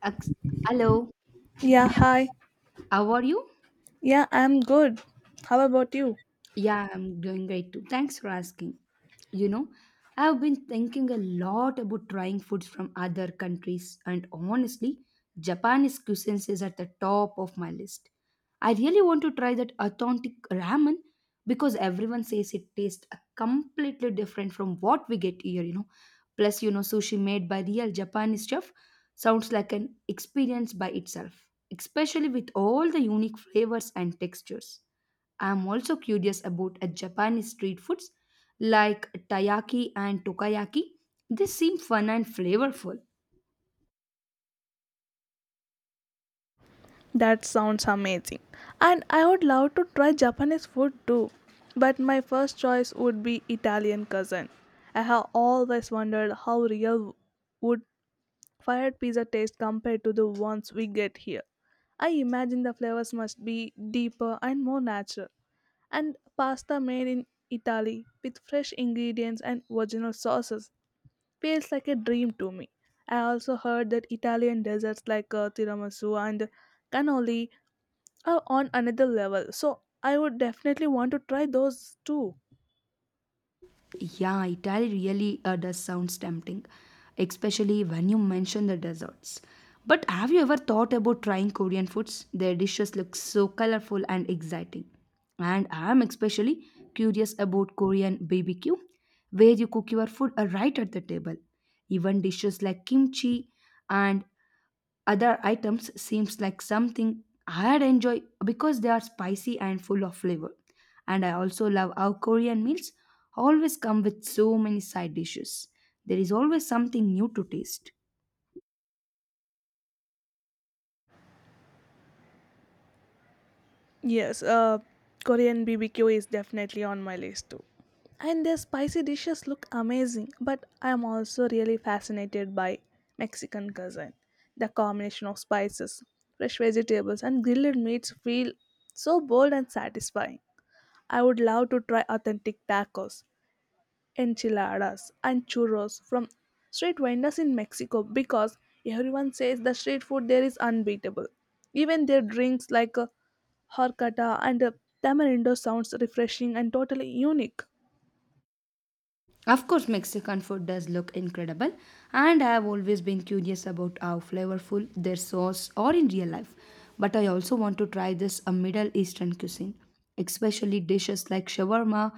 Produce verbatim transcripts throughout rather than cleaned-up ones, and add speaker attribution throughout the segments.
Speaker 1: Ex- Hello,
Speaker 2: Yeah, hi.
Speaker 1: how are you?
Speaker 2: Yeah, I'm good. How about you?
Speaker 1: Yeah, I'm doing great too. Thanks for asking. You know, I've been thinking a lot about trying foods from other countries, and honestly, Japanese cuisine is at the top of my list. I really want to try that authentic ramen because everyone says it tastes completely different from what we get here, you know. Plus, you know, sushi made by real Japanese chef sounds like an experience by itself especially with all the unique flavors and textures. I am also curious about a Japanese street foods like taiyaki and tokayaki. They seem fun and flavorful.
Speaker 2: That sounds amazing. And I would love to try Japanese food too. But my first choice would be Italian cousin. I have always wondered how real would fired pizza taste compared to the ones we get here. I imagine the flavors must be deeper and more natural. And pasta made in Italy with fresh ingredients and original sauces feels like a dream to me. I also heard that Italian desserts like uh, tiramisu and cannoli are on another level, so I would definitely want to try those too.
Speaker 1: Yeah, Italy really really, uh, does sounds tempting, especially when you mention the desserts. But have you ever thought about trying Korean foods? Their dishes look so colorful and exciting. And I'm especially curious about Korean B B Q, where you cook your food uh, right at the table. Even dishes like kimchi and other items seems like something I'd enjoy because they are spicy and full of flavor. And I also love how Korean meals always come with so many side dishes. There is always something new to taste.
Speaker 2: Yes, uh, Korean B B Q is definitely on my list too. And their spicy dishes look amazing, but I am also really fascinated by Mexican cuisine. The combination of spices, fresh vegetables, and grilled meats feel so bold and satisfying. I would love to try authentic tacos, enchiladas and churros from street vendors in Mexico because everyone says the street food there is unbeatable. Even their drinks like uh, horchata and uh, tamarindo sounds refreshing and totally unique.
Speaker 1: Of course, Mexican food does look incredible, and I have always been curious about how flavorful their sauce are in real life. But I also want to try this a Middle Eastern cuisine, especially dishes like shawarma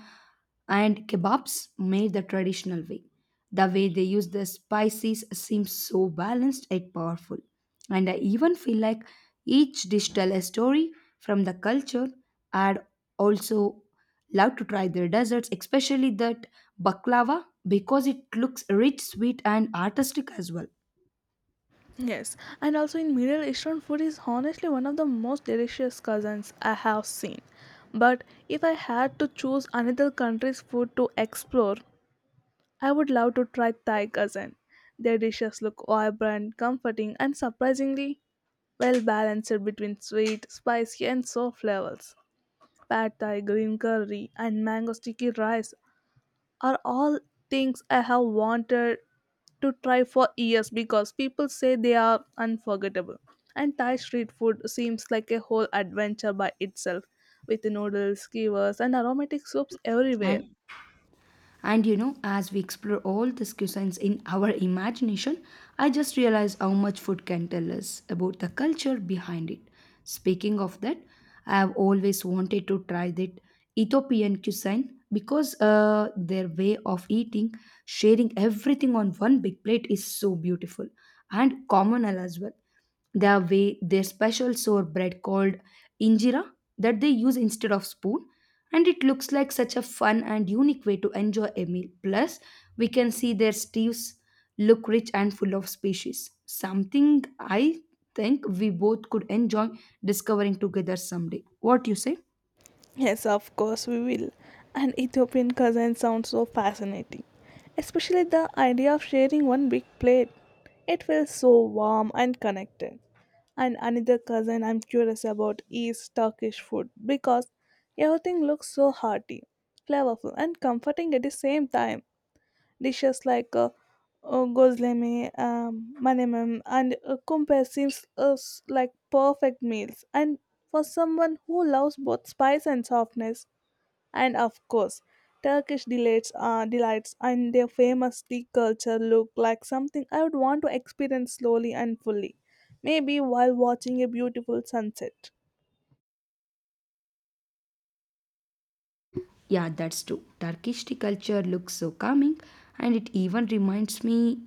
Speaker 1: and kebabs made the traditional way. The way they use the spices seems so balanced and powerful. And I even feel like each dish tells a story from the culture and also love to try their desserts, especially that baklava, because it looks rich, sweet, and artistic as well.
Speaker 2: Yes, and also in Middle Eastern food is honestly one of the most delicious cousins I have seen. But if I had to choose another country's food to explore, I would love to try Thai cousin. Their dishes look vibrant, comforting, and surprisingly well balanced between sweet, spicy, and soft levels. Pad Thai, green curry, and mango sticky rice are all things I have wanted to try for years because people say they are unforgettable. And Thai street food seems like a whole adventure by itself, with noodles, skewers, and aromatic soups everywhere.
Speaker 1: And and you know, as we explore all these cuisines in our imagination, I just realized how much food can tell us about the culture behind it. Speaking of that, I have always wanted to try that Ethiopian cuisine because uh, their way of eating, sharing everything on one big plate, is so beautiful and communal as well. Their way their special sour bread called injera that they use instead of spoon, and it looks like such a fun and unique way to enjoy a meal. Plus we can see their stews look rich and full of species, something I think we both could enjoy discovering together someday. What you say?
Speaker 2: Yes, of course we will. And Ethiopian cuisine sounds so fascinating, especially the idea of sharing one big plate. It feels so warm and connected. And another cuisine I'm curious about is Turkish food because everything looks so hearty, flavorful, and comforting at the same time. Dishes like uh, uh, gozleme, um, manemam, and uh, kumpe seems us like perfect meals. And for someone who loves both spice and softness, and of course, Turkish delights, uh, delights and their famous tea culture look like something I would want to experience slowly and fully. Maybe while watching a beautiful sunset.
Speaker 1: Yeah, that's true. Turkish tea culture looks so calming and it even reminds me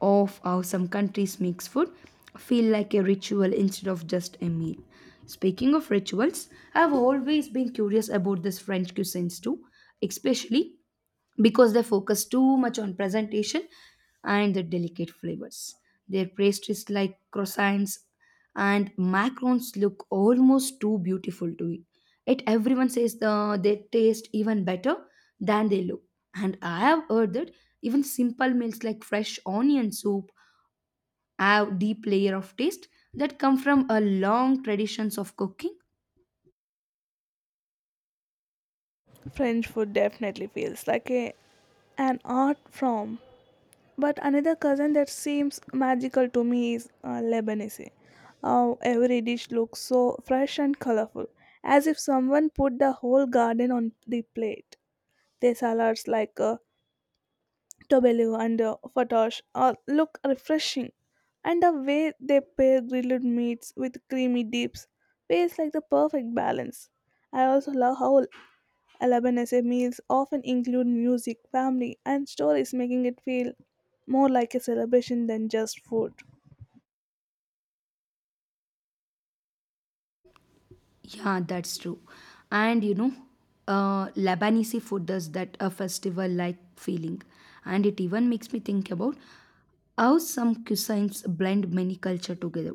Speaker 1: of how some countries makes food feel like a ritual instead of just a meal. Speaking of rituals, I've always been curious about this French cuisines too, especially because they focus too much on presentation and the delicate flavors. Their pastries like croissants and macarons look almost too beautiful to eat. Yet everyone says the, they taste even better than they look. And I have heard that even simple meals like fresh onion soup have deep layer of taste that come from a long traditions of cooking.
Speaker 2: French food definitely feels like a, an art form. But another cousin that seems magical to me is uh, Lebanese. Uh, every dish looks so fresh and colorful, as if someone put the whole garden on the plate. Their salads like uh, tobello and uh, fatash uh, look refreshing, and the way they pair grilled meats with creamy dips feels like the perfect balance. I also love how Lebanese meals often include music, family, and stories, making it feel more like a celebration than just food.
Speaker 1: Yeah, that's true. And you know, uh, Lebanese food does that a festival like feeling. And it even makes me think about how some cuisines blend many culture together.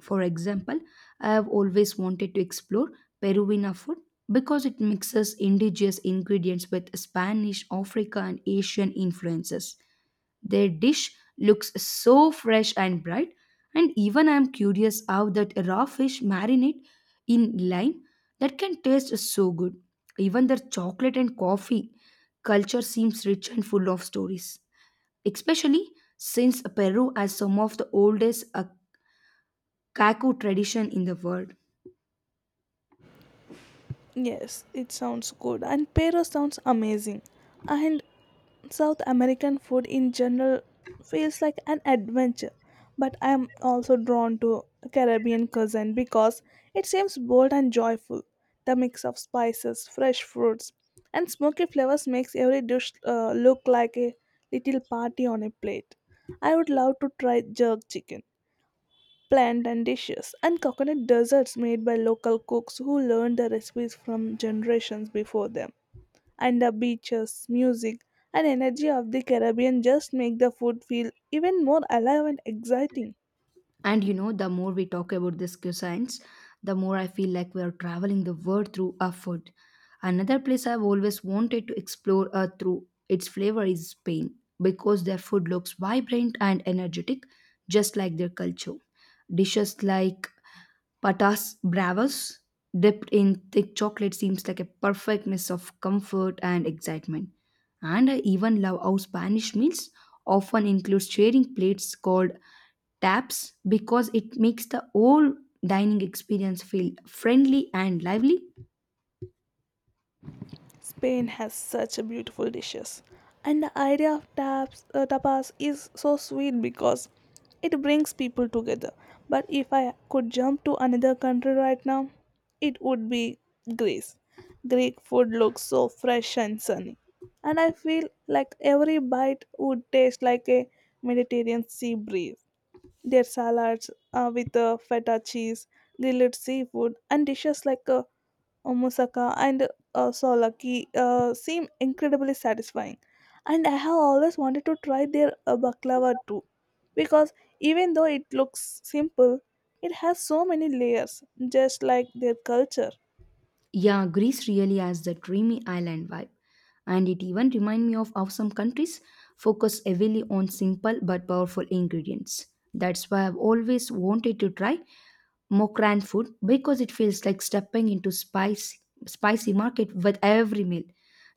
Speaker 1: For example, I have always wanted to explore Peruvian food because it mixes indigenous ingredients with Spanish, Africa, and Asian influences. Their dish looks so fresh and bright, and even I am curious how that raw fish marinate in lime that can taste so good. Even their chocolate and coffee culture seems rich and full of stories, especially since Peru has some of the oldest uh, caco tradition in the world.
Speaker 2: Yes, it sounds good, and Pero sounds amazing. And South American food in general feels like an adventure, but I am also drawn to Caribbean cuisine because it seems bold and joyful. The mix of spices, fresh fruits, and smoky flavors makes every dish uh, look like a little party on a plate. I would love to try jerk chicken, plantain dishes, and coconut desserts made by local cooks who learned the recipes from generations before them, and the beaches, music, and energy of the Caribbean just make the food feel even more alive and exciting.
Speaker 1: And you know, the more we talk about this cuisines, the more I feel like we are traveling the world through our food. Another place I've always wanted to explore uh, through its flavor is Spain because their food looks vibrant and energetic, just like their culture. Dishes like patas bravas dipped in thick chocolate seems like a perfect mix of comfort and excitement. And I even love how Spanish meals often include sharing plates called taps because it makes the whole dining experience feel friendly and lively.
Speaker 2: Spain has such a beautiful dishes, and the idea of taps, uh, tapas is so sweet because it brings people together. But if I could jump to another country right now, it would be Greece. Greek food looks so fresh and sunny, and I feel like every bite would taste like a Mediterranean sea breeze. Their salads uh, with uh, feta cheese, grilled seafood, and dishes like uh, moussaka and uh, solaki uh, seem incredibly satisfying. And I have always wanted to try their uh, baklava too, because even though it looks simple, it has so many layers, just like their culture.
Speaker 1: Yeah, Greece really has the dreamy island vibe, and it even reminds me of how some countries focus heavily on simple but powerful ingredients. That's why I've always wanted to try more canned food because it feels like stepping into spicy spicy market with every meal.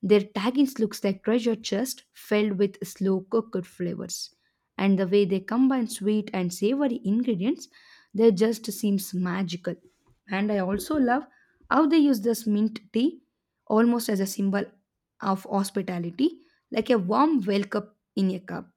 Speaker 1: Their tagines looks like treasure chest filled with slow cooked flavors. And the way they combine sweet and savory ingredients, they just seems magical. And I also love how they use this mint tea almost as a symbol of hospitality, like a warm welcome in a cup.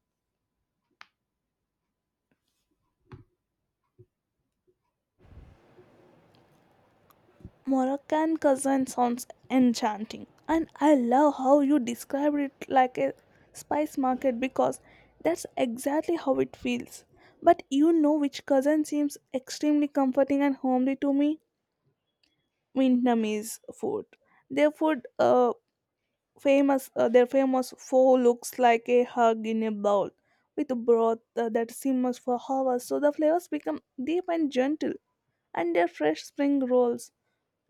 Speaker 2: Moroccan cuisine sounds enchanting, and I love how you described it like a spice market because that's exactly how it feels. But you know which cuisine seems extremely comforting and homely to me? Vietnamese food. Their food, uh, famous, uh, their famous pho looks like a hug in a bowl, with broth uh, that simmers for hours, so the flavors become deep and gentle. And their fresh spring rolls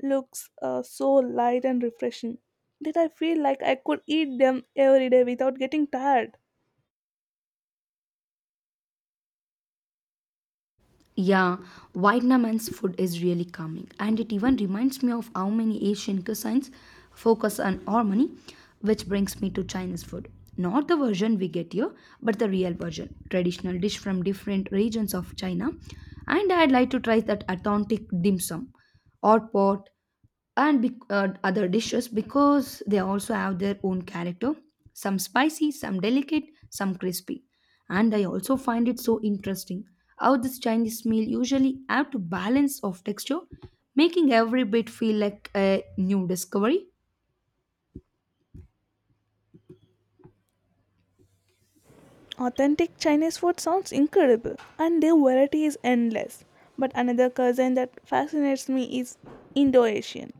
Speaker 2: looks uh, so light and refreshing that I feel like I could eat them every day without getting tired.
Speaker 1: Yeah, Vietnamese food is really calming, and it even reminds me of how many Asian cuisines focus on harmony, which brings me to Chinese food. Not the version we get here, but the real version, traditional dish from different regions of China. And I'd like to try that authentic dim sum, hot pot, and bec- uh, other dishes because they also have their own character, some spicy, some delicate, some crispy. And I also find it so interesting how this chinese meal usually have to balance of texture, making every bit feel like a new discovery.
Speaker 2: Authentic Chinese food sounds incredible, and their variety is endless. But another cuisine that fascinates me is Indo-Asian.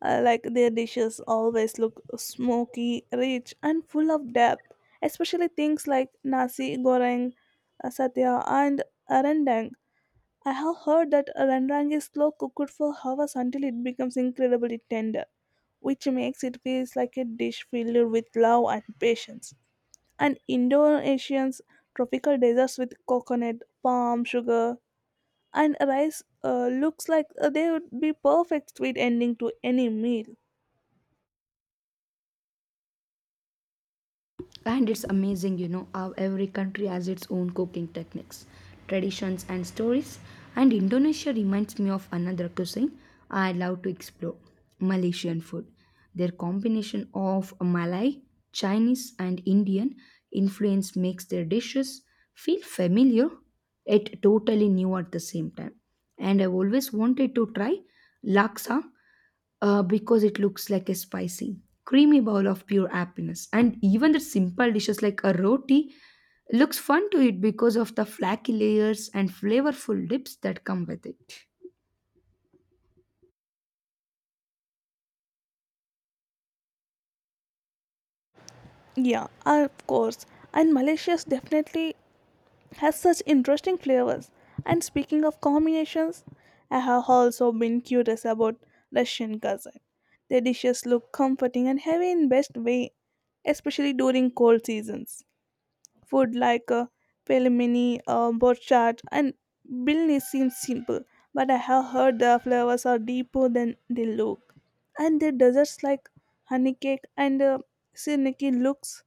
Speaker 2: Uh, like their dishes always look smoky, rich, and full of depth, especially things like nasi goreng, uh, satya, and rendang. I have heard that a rendang is slow cooked for hours until it becomes incredibly tender, which makes it feel like a dish filled with love and patience. And Indonesian's tropical deserts with coconut, palm sugar, and rice uh, looks like uh, they would be perfect sweet ending to any meal.
Speaker 1: And it's amazing, you know, how every country has its own cooking techniques, traditions, and stories. And Indonesia reminds me of another cuisine I love to explore, Malaysian food. Their combination of Malay, Chinese, and Indian influence makes their dishes feel familiar yet totally new at the same time. And I've always wanted to try laksa uh, because it looks like a spicy, creamy bowl of pure happiness. And even the simple dishes like a roti looks fun to eat because of the flaky layers and flavorful dips that come with it.
Speaker 2: Yeah, of course. And Malaysia's definitely has such interesting flavors. And speaking of combinations, I have also been curious about Russian cuisine. Their dishes look comforting and heavy in best way, especially during cold seasons. Food like uh, pelmeni, uh, borchardt, and bilni seems simple, but I have heard the flavors are deeper than they look. And their desserts like honey cake and uh, siniki looks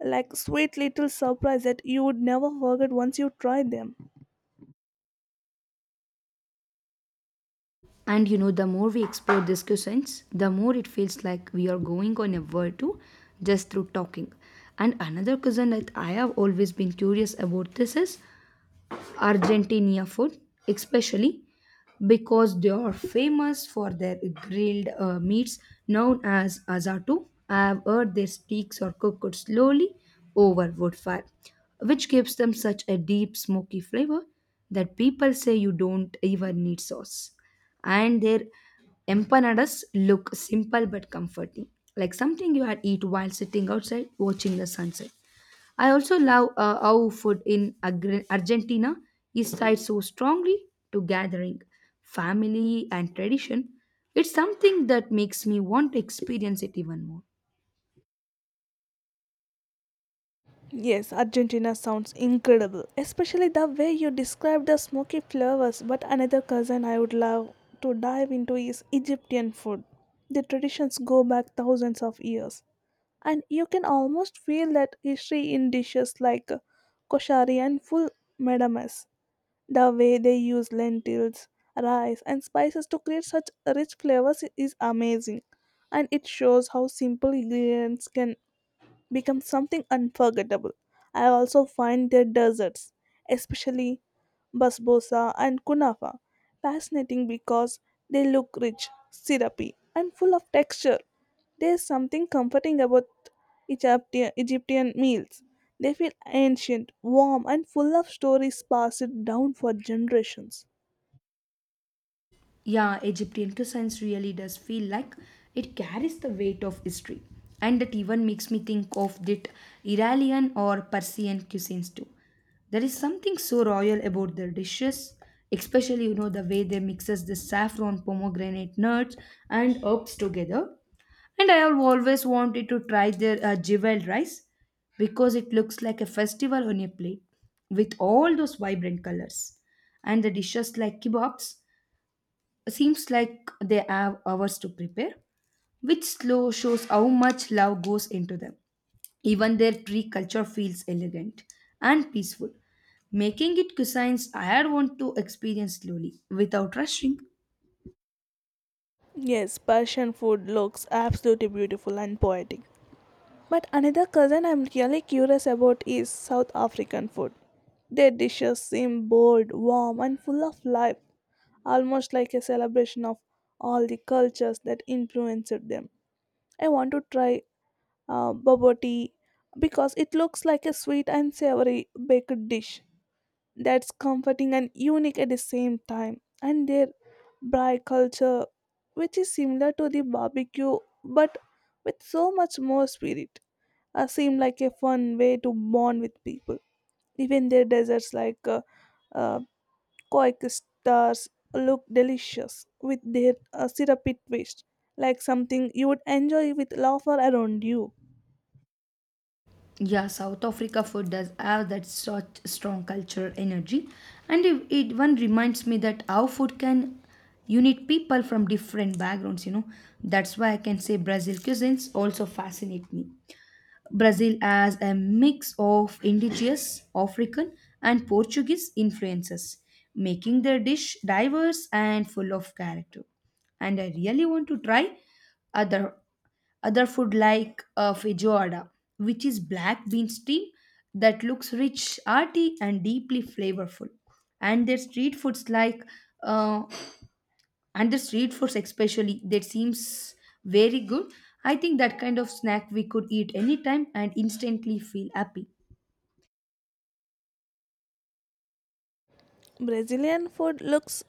Speaker 2: like sweet little surprise that you would never forget once you try them.
Speaker 1: And you know, the more we explore these cuisines, the more it feels like we are going on a world tour just through talking. And another cuisine that I have always been curious about this is Argentina food, especially because they are famous for their grilled uh, meats known as asado. I have heard their steaks are cooked slowly over wood fire, which gives them such a deep smoky flavor that people say you don't even need sauce. And their empanadas look simple but comforting, like something you had eat while sitting outside watching the sunset. I also love uh, how food in Agri- Argentina is tied so strongly to gathering, family, and tradition. It's something that makes me want to experience it even more.
Speaker 2: Yes, Argentina sounds incredible, especially the way you describe the smoky flavors. But another cousin I would love to dive into is Egyptian food. The traditions go back thousands of years, and you can almost feel that history in dishes like koshari and full medames. The way they use lentils, rice, and spices to create such rich flavors is amazing, and it shows how simple ingredients can become something unforgettable. I also find their desserts, especially basbosa and kunafa, fascinating because they look rich, syrupy, and full of texture. There is something comforting about Egyptian, Egyptian meals. They feel ancient, warm, and full of stories passed down for generations.
Speaker 1: Yeah, Egyptian cuisines really does feel like it carries the weight of history. And that even makes me think of that Iranian or Persian cuisines too. There is something so royal about their dishes, especially you know the way they mixes the saffron, pomegranate nuts and herbs together. And I have always wanted to try their uh, jewel rice because it looks like a festival on a plate with all those vibrant colors. And the dishes like kebabs seems like they have hours to prepare, which slow shows how much love goes into them. Even their tree culture feels elegant and peaceful, making it cuisines I want to experience slowly without rushing.
Speaker 2: Yes, Persian food looks absolutely beautiful and poetic. But another cousin I'm really curious about is South African food. Their dishes seem bold, warm, and full of life, almost like a celebration of all the cultures that influenced them. I want to try uh, bubble tea because it looks like a sweet and savory baked dish that's comforting and unique at the same time. And their braai culture, which is similar to the barbecue but with so much more spirit, uh, seemed like a fun way to bond with people. Even their desserts, like uh, uh, Koik stars, look delicious with their uh, syrupy twist, like something you would enjoy with laughter around you.
Speaker 1: Yeah, South Africa food does have that such strong cultural energy, and it, it one reminds me that how food can unite people from different backgrounds. You know, that's why I can say Brazil cuisines also fascinate me. Brazil as a mix of indigenous, African, and Portuguese influences, making their dish diverse and full of character. And I really want to try other other food like uh, feijoada, which is black bean stew that looks rich, hearty, and deeply flavorful. And their street foods like uh, and the street foods especially that seems very good. I think that kind of snack we could eat anytime and instantly feel happy.
Speaker 2: Brazilian food looks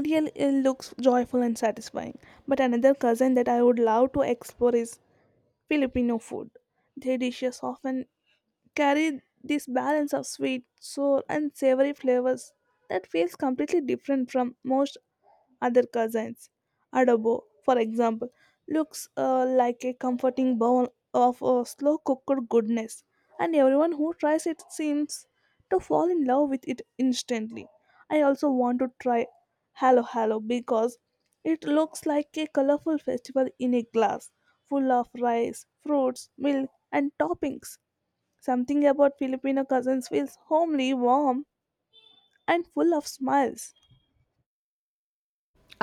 Speaker 2: really uh, looks joyful and satisfying. But another cousin that I would love to explore is Filipino food. Their dishes often carry this balance of sweet, sour, and savory flavors that feels completely different from most other cousins. Adobo, for example, looks uh, like a comforting bowl of uh, slow cooked goodness, and everyone who tries it seems to fall in love with it instantly. I also want to try Halo Halo because it looks like a colorful festival in a glass, full of rice, fruits, milk, and toppings. Something about Filipino cousins feels homely, warm, and full of smiles.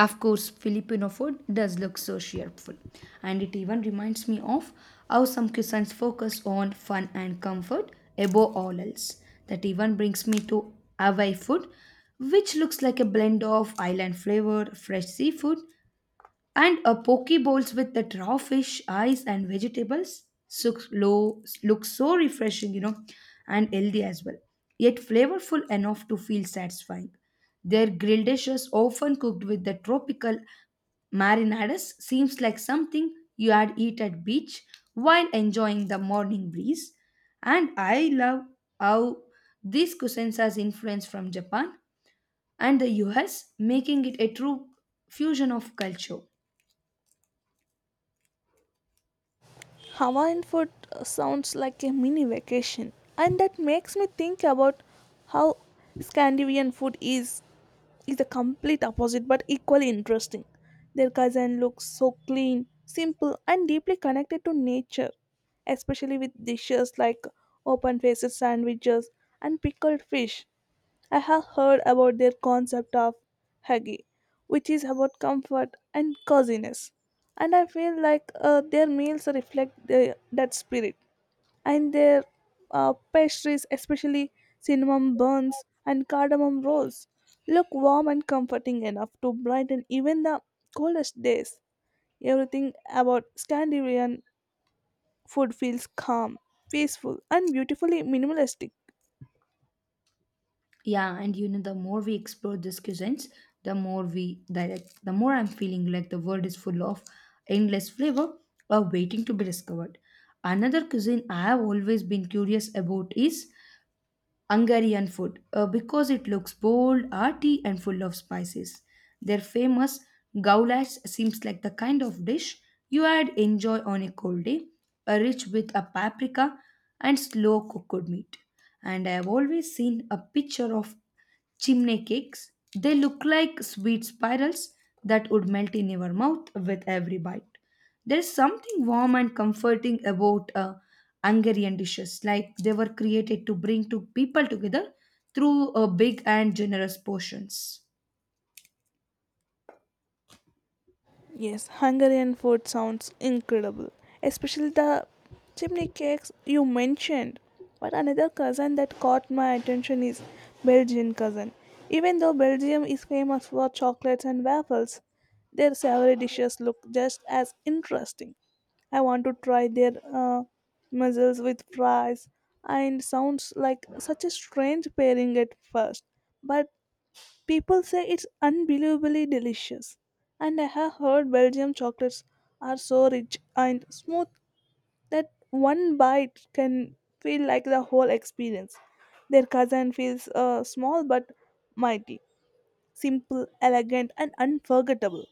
Speaker 1: Of course filipino food does look so cheerful, and it even reminds me of how some cuisines focus on fun and comfort above all else. That even brings me to hawaii food, which looks like a blend of island flavor, fresh seafood. And a poke bowls with the raw fish, ice, and vegetables looks low, looks so refreshing, you know, and healthy as well. Yet flavorful enough to feel satisfying. Their grilled dishes, often cooked with the tropical marinadas, seems like something you had eat at beach while enjoying the morning breeze. And I love how these cuisines has influence from Japan and the U S, making it a true fusion of culture.
Speaker 2: Hawaiian food uh, sounds like a mini vacation, and that makes me think about how Scandinavian food is is the complete opposite but equally interesting. Their cuisine looks so clean, simple, and deeply connected to nature, especially with dishes like open-faced sandwiches and pickled fish. I have heard about their concept of huggy, which is about comfort and coziness. And I feel like uh, their meals reflect the, that spirit. And their uh, pastries, especially cinnamon buns and cardamom rolls, look warm and comforting enough to brighten even the coldest days. Everything about Scandinavian food feels calm, peaceful, and beautifully minimalistic.
Speaker 1: Yeah, and you know, the more we explore these cuisines, the more we direct, the more I'm feeling like the world is full of endless flavor or waiting to be discovered. Another cuisine I have always been curious about is Hungarian food uh, because it looks bold, arty, and full of spices. Their famous goulash seems like the kind of dish you would enjoy on a cold day, uh, rich with a paprika and slow cooked meat. And I have always seen a picture of chimney cakes. They look like sweet spirals that would melt in your mouth with every bite. There's something warm and comforting about uh, Hungarian dishes, like they were created to bring two people together through uh, big and generous portions.
Speaker 2: Yes, Hungarian food sounds incredible, especially the chimney cakes you mentioned. But another cousin that caught my attention is Belgian cousin. Even though Belgium is famous for chocolates and waffles, their savory dishes look just as interesting. I want to try their uh, mussels with fries, and sounds like such a strange pairing at first, but people say it's unbelievably delicious, and I have heard Belgium chocolates are so rich and smooth that one bite can feel like the whole experience. Their cousin feels uh, small but mighty, simple, elegant, and unforgettable.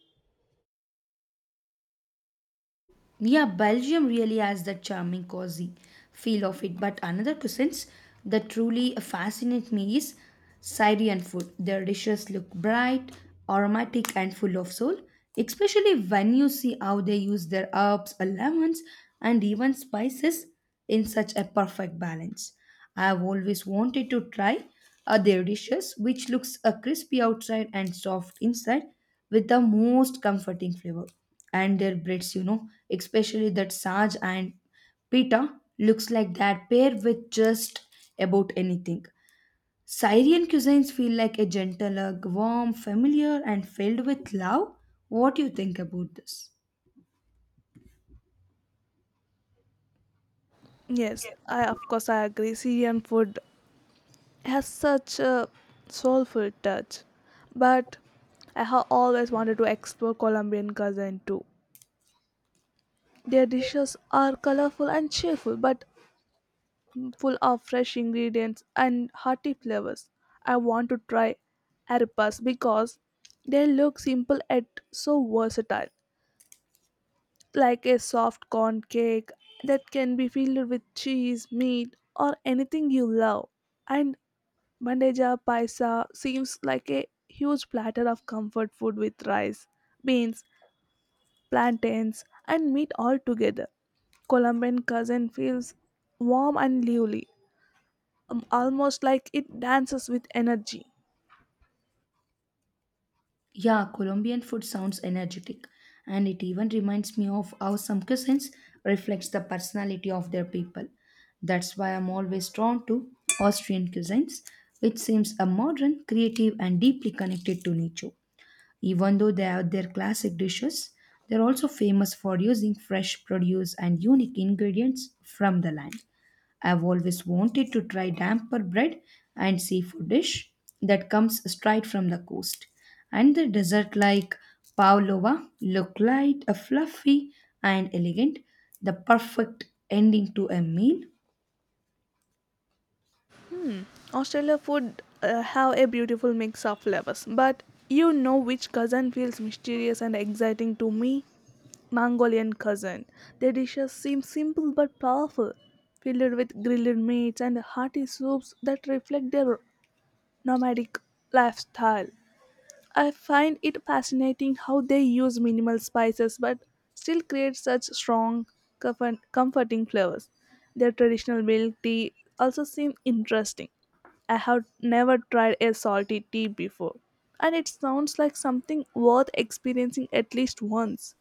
Speaker 1: Yeah, Belgium really has that charming, cozy feel of it. But another cuisines that truly fascinate me is Syrian food. Their dishes look bright, aromatic, and full of soul, especially when you see how they use their herbs, lemons, and even spices in such a perfect balance. I've always wanted to try uh, their dishes, which looks uh, crispy outside and soft inside, with the most comforting flavor. And their breads, you know, especially that sarge and pita, looks like that pair with just about anything. Syrian cuisines feel like a gentle, uh, warm, familiar, and filled with love. What do you think about this?
Speaker 2: Yes, I of course I agree. Syrian food has such a soulful touch, but I have always wanted to explore Colombian cuisine too. Their dishes are colorful and cheerful, but full of fresh ingredients and hearty flavors. I want to try arepas because they look simple yet so versatile, like a soft corn cake that can be filled with cheese, meat, or anything you love. And bandeja paisa seems like a huge platter of comfort food with rice, beans, plantains, and meat all together. Colombian cousin feels warm and lively, um, almost like it dances with energy.
Speaker 1: Yeah, Colombian food sounds energetic, and it even reminds me of how some cuisines reflects the personality of their people. That's why I'm always drawn to Austrian cuisines, which seems a modern, creative, and deeply connected to nature. Even though they have their classic dishes, they're also famous for using fresh produce and unique ingredients from the land. I've always wanted to try damper bread and seafood dish that comes straight from the coast. And the dessert like pavlova look light, uh, fluffy and elegant, the perfect ending to a meal.
Speaker 2: Hmm. Australia food uh, have a beautiful mix of flavors, but you know which cousin feels mysterious and exciting to me? Mongolian cousin. Their dishes seem simple but powerful, filled with grilled meats and hearty soups that reflect their nomadic lifestyle. I find it fascinating how they use minimal spices but still create such strong, comfort- comforting flavors. Their traditional milk tea also seem interesting. I have never tried a salty tea before, and it sounds like something worth experiencing at least once.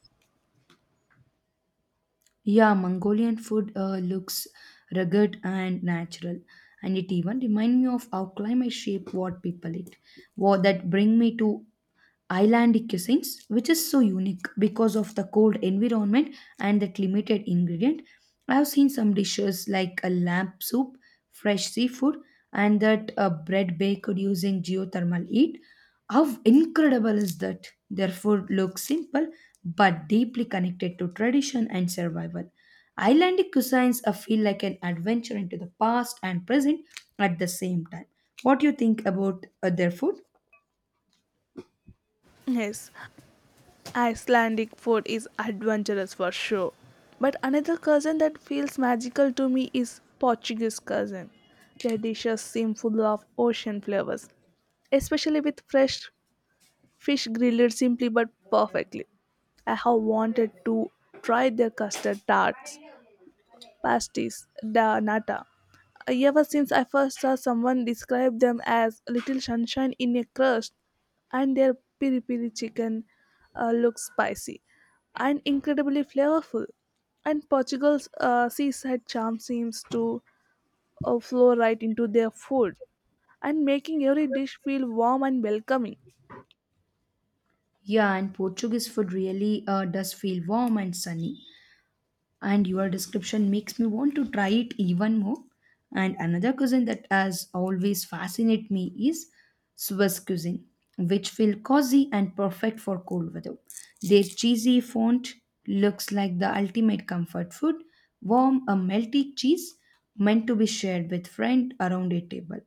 Speaker 1: Yeah, Mongolian food uh, looks rugged and natural, and it even reminds me of how climate shape what people eat. What that bring me to Islandic cuisines, which is so unique because of the cold environment and that limited ingredient. I have seen some dishes like a lamb soup, fresh seafood, and that uh, bread baked using geothermal heat. How incredible is that? Their food looks simple but deeply connected to tradition and survival. Islandic cuisines uh, feel like an adventure into the past and present at the same time. What do you think about uh, their food?
Speaker 2: Yes, Icelandic food is adventurous for sure. But another cuisine that feels magical to me is Portuguese cuisine. Their dishes seem full of ocean flavors, especially with fresh fish grilled simply but perfectly. I have wanted to try their custard tarts, pasties, da nata. Ever since I first saw someone describe them as little sunshine in a crust, and their piri piri chicken uh, looks spicy and incredibly flavorful. And Portugal's uh, seaside charm seems to uh, flow right into their food and making every dish feel warm and welcoming.
Speaker 1: Yeah, and Portuguese food really uh, does feel warm and sunny. And your description makes me want to try it even more. And another cuisine that has always fascinated me is Swiss cuisine, which feel cozy and perfect for cold weather. Their cheesy font looks like the ultimate comfort food, warm a melty cheese meant to be shared with friend around a table.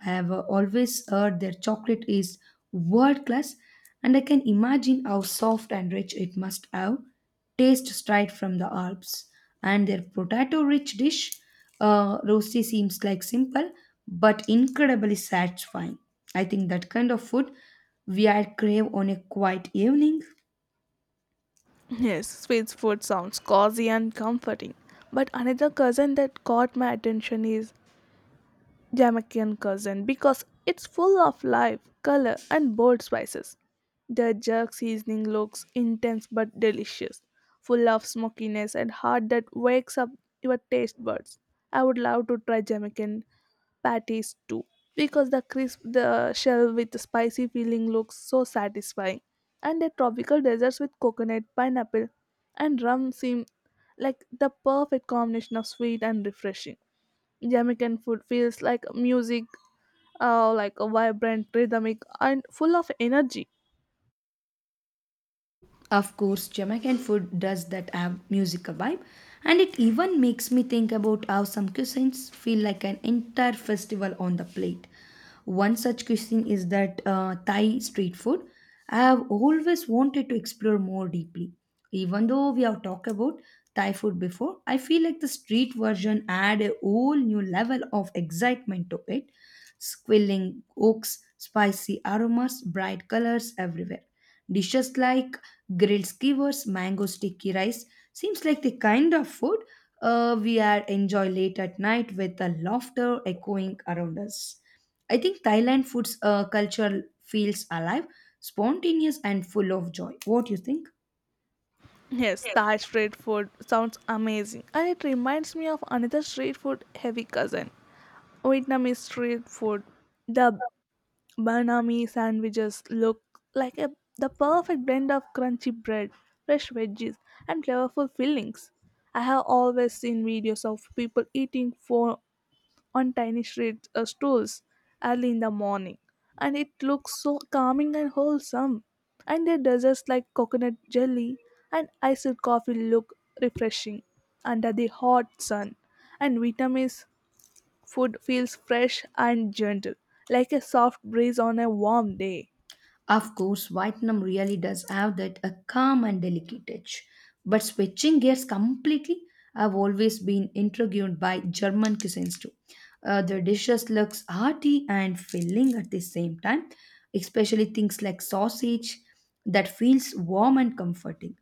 Speaker 1: I have uh, always heard their chocolate is world class, and I can imagine how soft and rich it must have. Taste straight from the Alps, and their potato-rich dish, uh, rosti seems like simple but incredibly satisfying. I think that kind of food we are crave on a quiet evening.
Speaker 2: Yes, Swiss food sounds cozy and comforting. But another cousin that caught my attention is Jamaican cuisine because it's full of life, color, and bold spices. The jerk seasoning looks intense but delicious, full of smokiness and heart that wakes up your taste buds. I would love to try Jamaican patties too because the crisp the shell with the spicy filling looks so satisfying, and the tropical desserts with coconut pineapple and rum seem like the perfect combination of sweet and refreshing. Jamaican food feels like music, uh, like a vibrant, rhythmic, and full of energy.
Speaker 1: Of course, Jamaican food does that have musical vibe, and it even makes me think about how some cuisines feel like an entire festival on the plate. One such cuisine is that uh, Thai street food. I have always wanted to explore more deeply. Even though we have talked about Thai food before, I feel like the street version add a whole new level of excitement to it squilling oaks, spicy aromas, bright colors everywhere. Dishes like grilled skewers, mango sticky rice seems like the kind of food uh, we are enjoy late at night with the laughter echoing around us. I think Thailand food's uh, culture feels alive, spontaneous, and full of joy. What do you think?
Speaker 2: Yes, Thai street food sounds amazing, and it reminds me of another street food heavy cousin, Vietnamese street food. The banh mi sandwiches look like a, the perfect blend of crunchy bread, fresh veggies, and flavorful fillings. I have always seen videos of people eating for on tiny street uh, stools early in the morning, and it looks so calming and wholesome. And their desserts like coconut jelly and iced coffee look refreshing under the hot sun, and Vietnamese food feels fresh and gentle, like a soft breeze on a warm day.
Speaker 1: Of course, Vietnam really does have that a calm and delicate touch. But switching gears completely, I've always been intrigued by German cuisines too. Uh, the dishes looks hearty and filling at the same time, especially things like sausage that feels warm and comforting.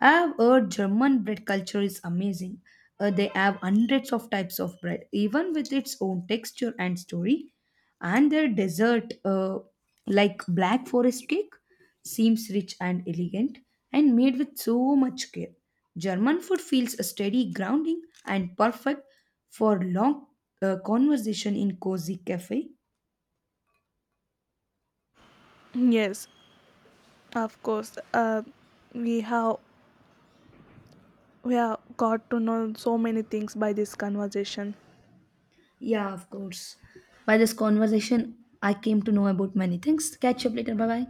Speaker 1: I've heard German bread culture is amazing. Uh, they have hundreds of types of bread, even with its own texture and story and their dessert uh, like black forest cake seems rich and elegant and made with so much care. German food feels a steady grounding and perfect for long uh, conversation in cozy cafe.
Speaker 2: Yes, of course. Uh, we have we have got to know so many things by this conversation.
Speaker 1: Yeah, of course, by this conversation I came to know about many things. Catch up later. Bye bye.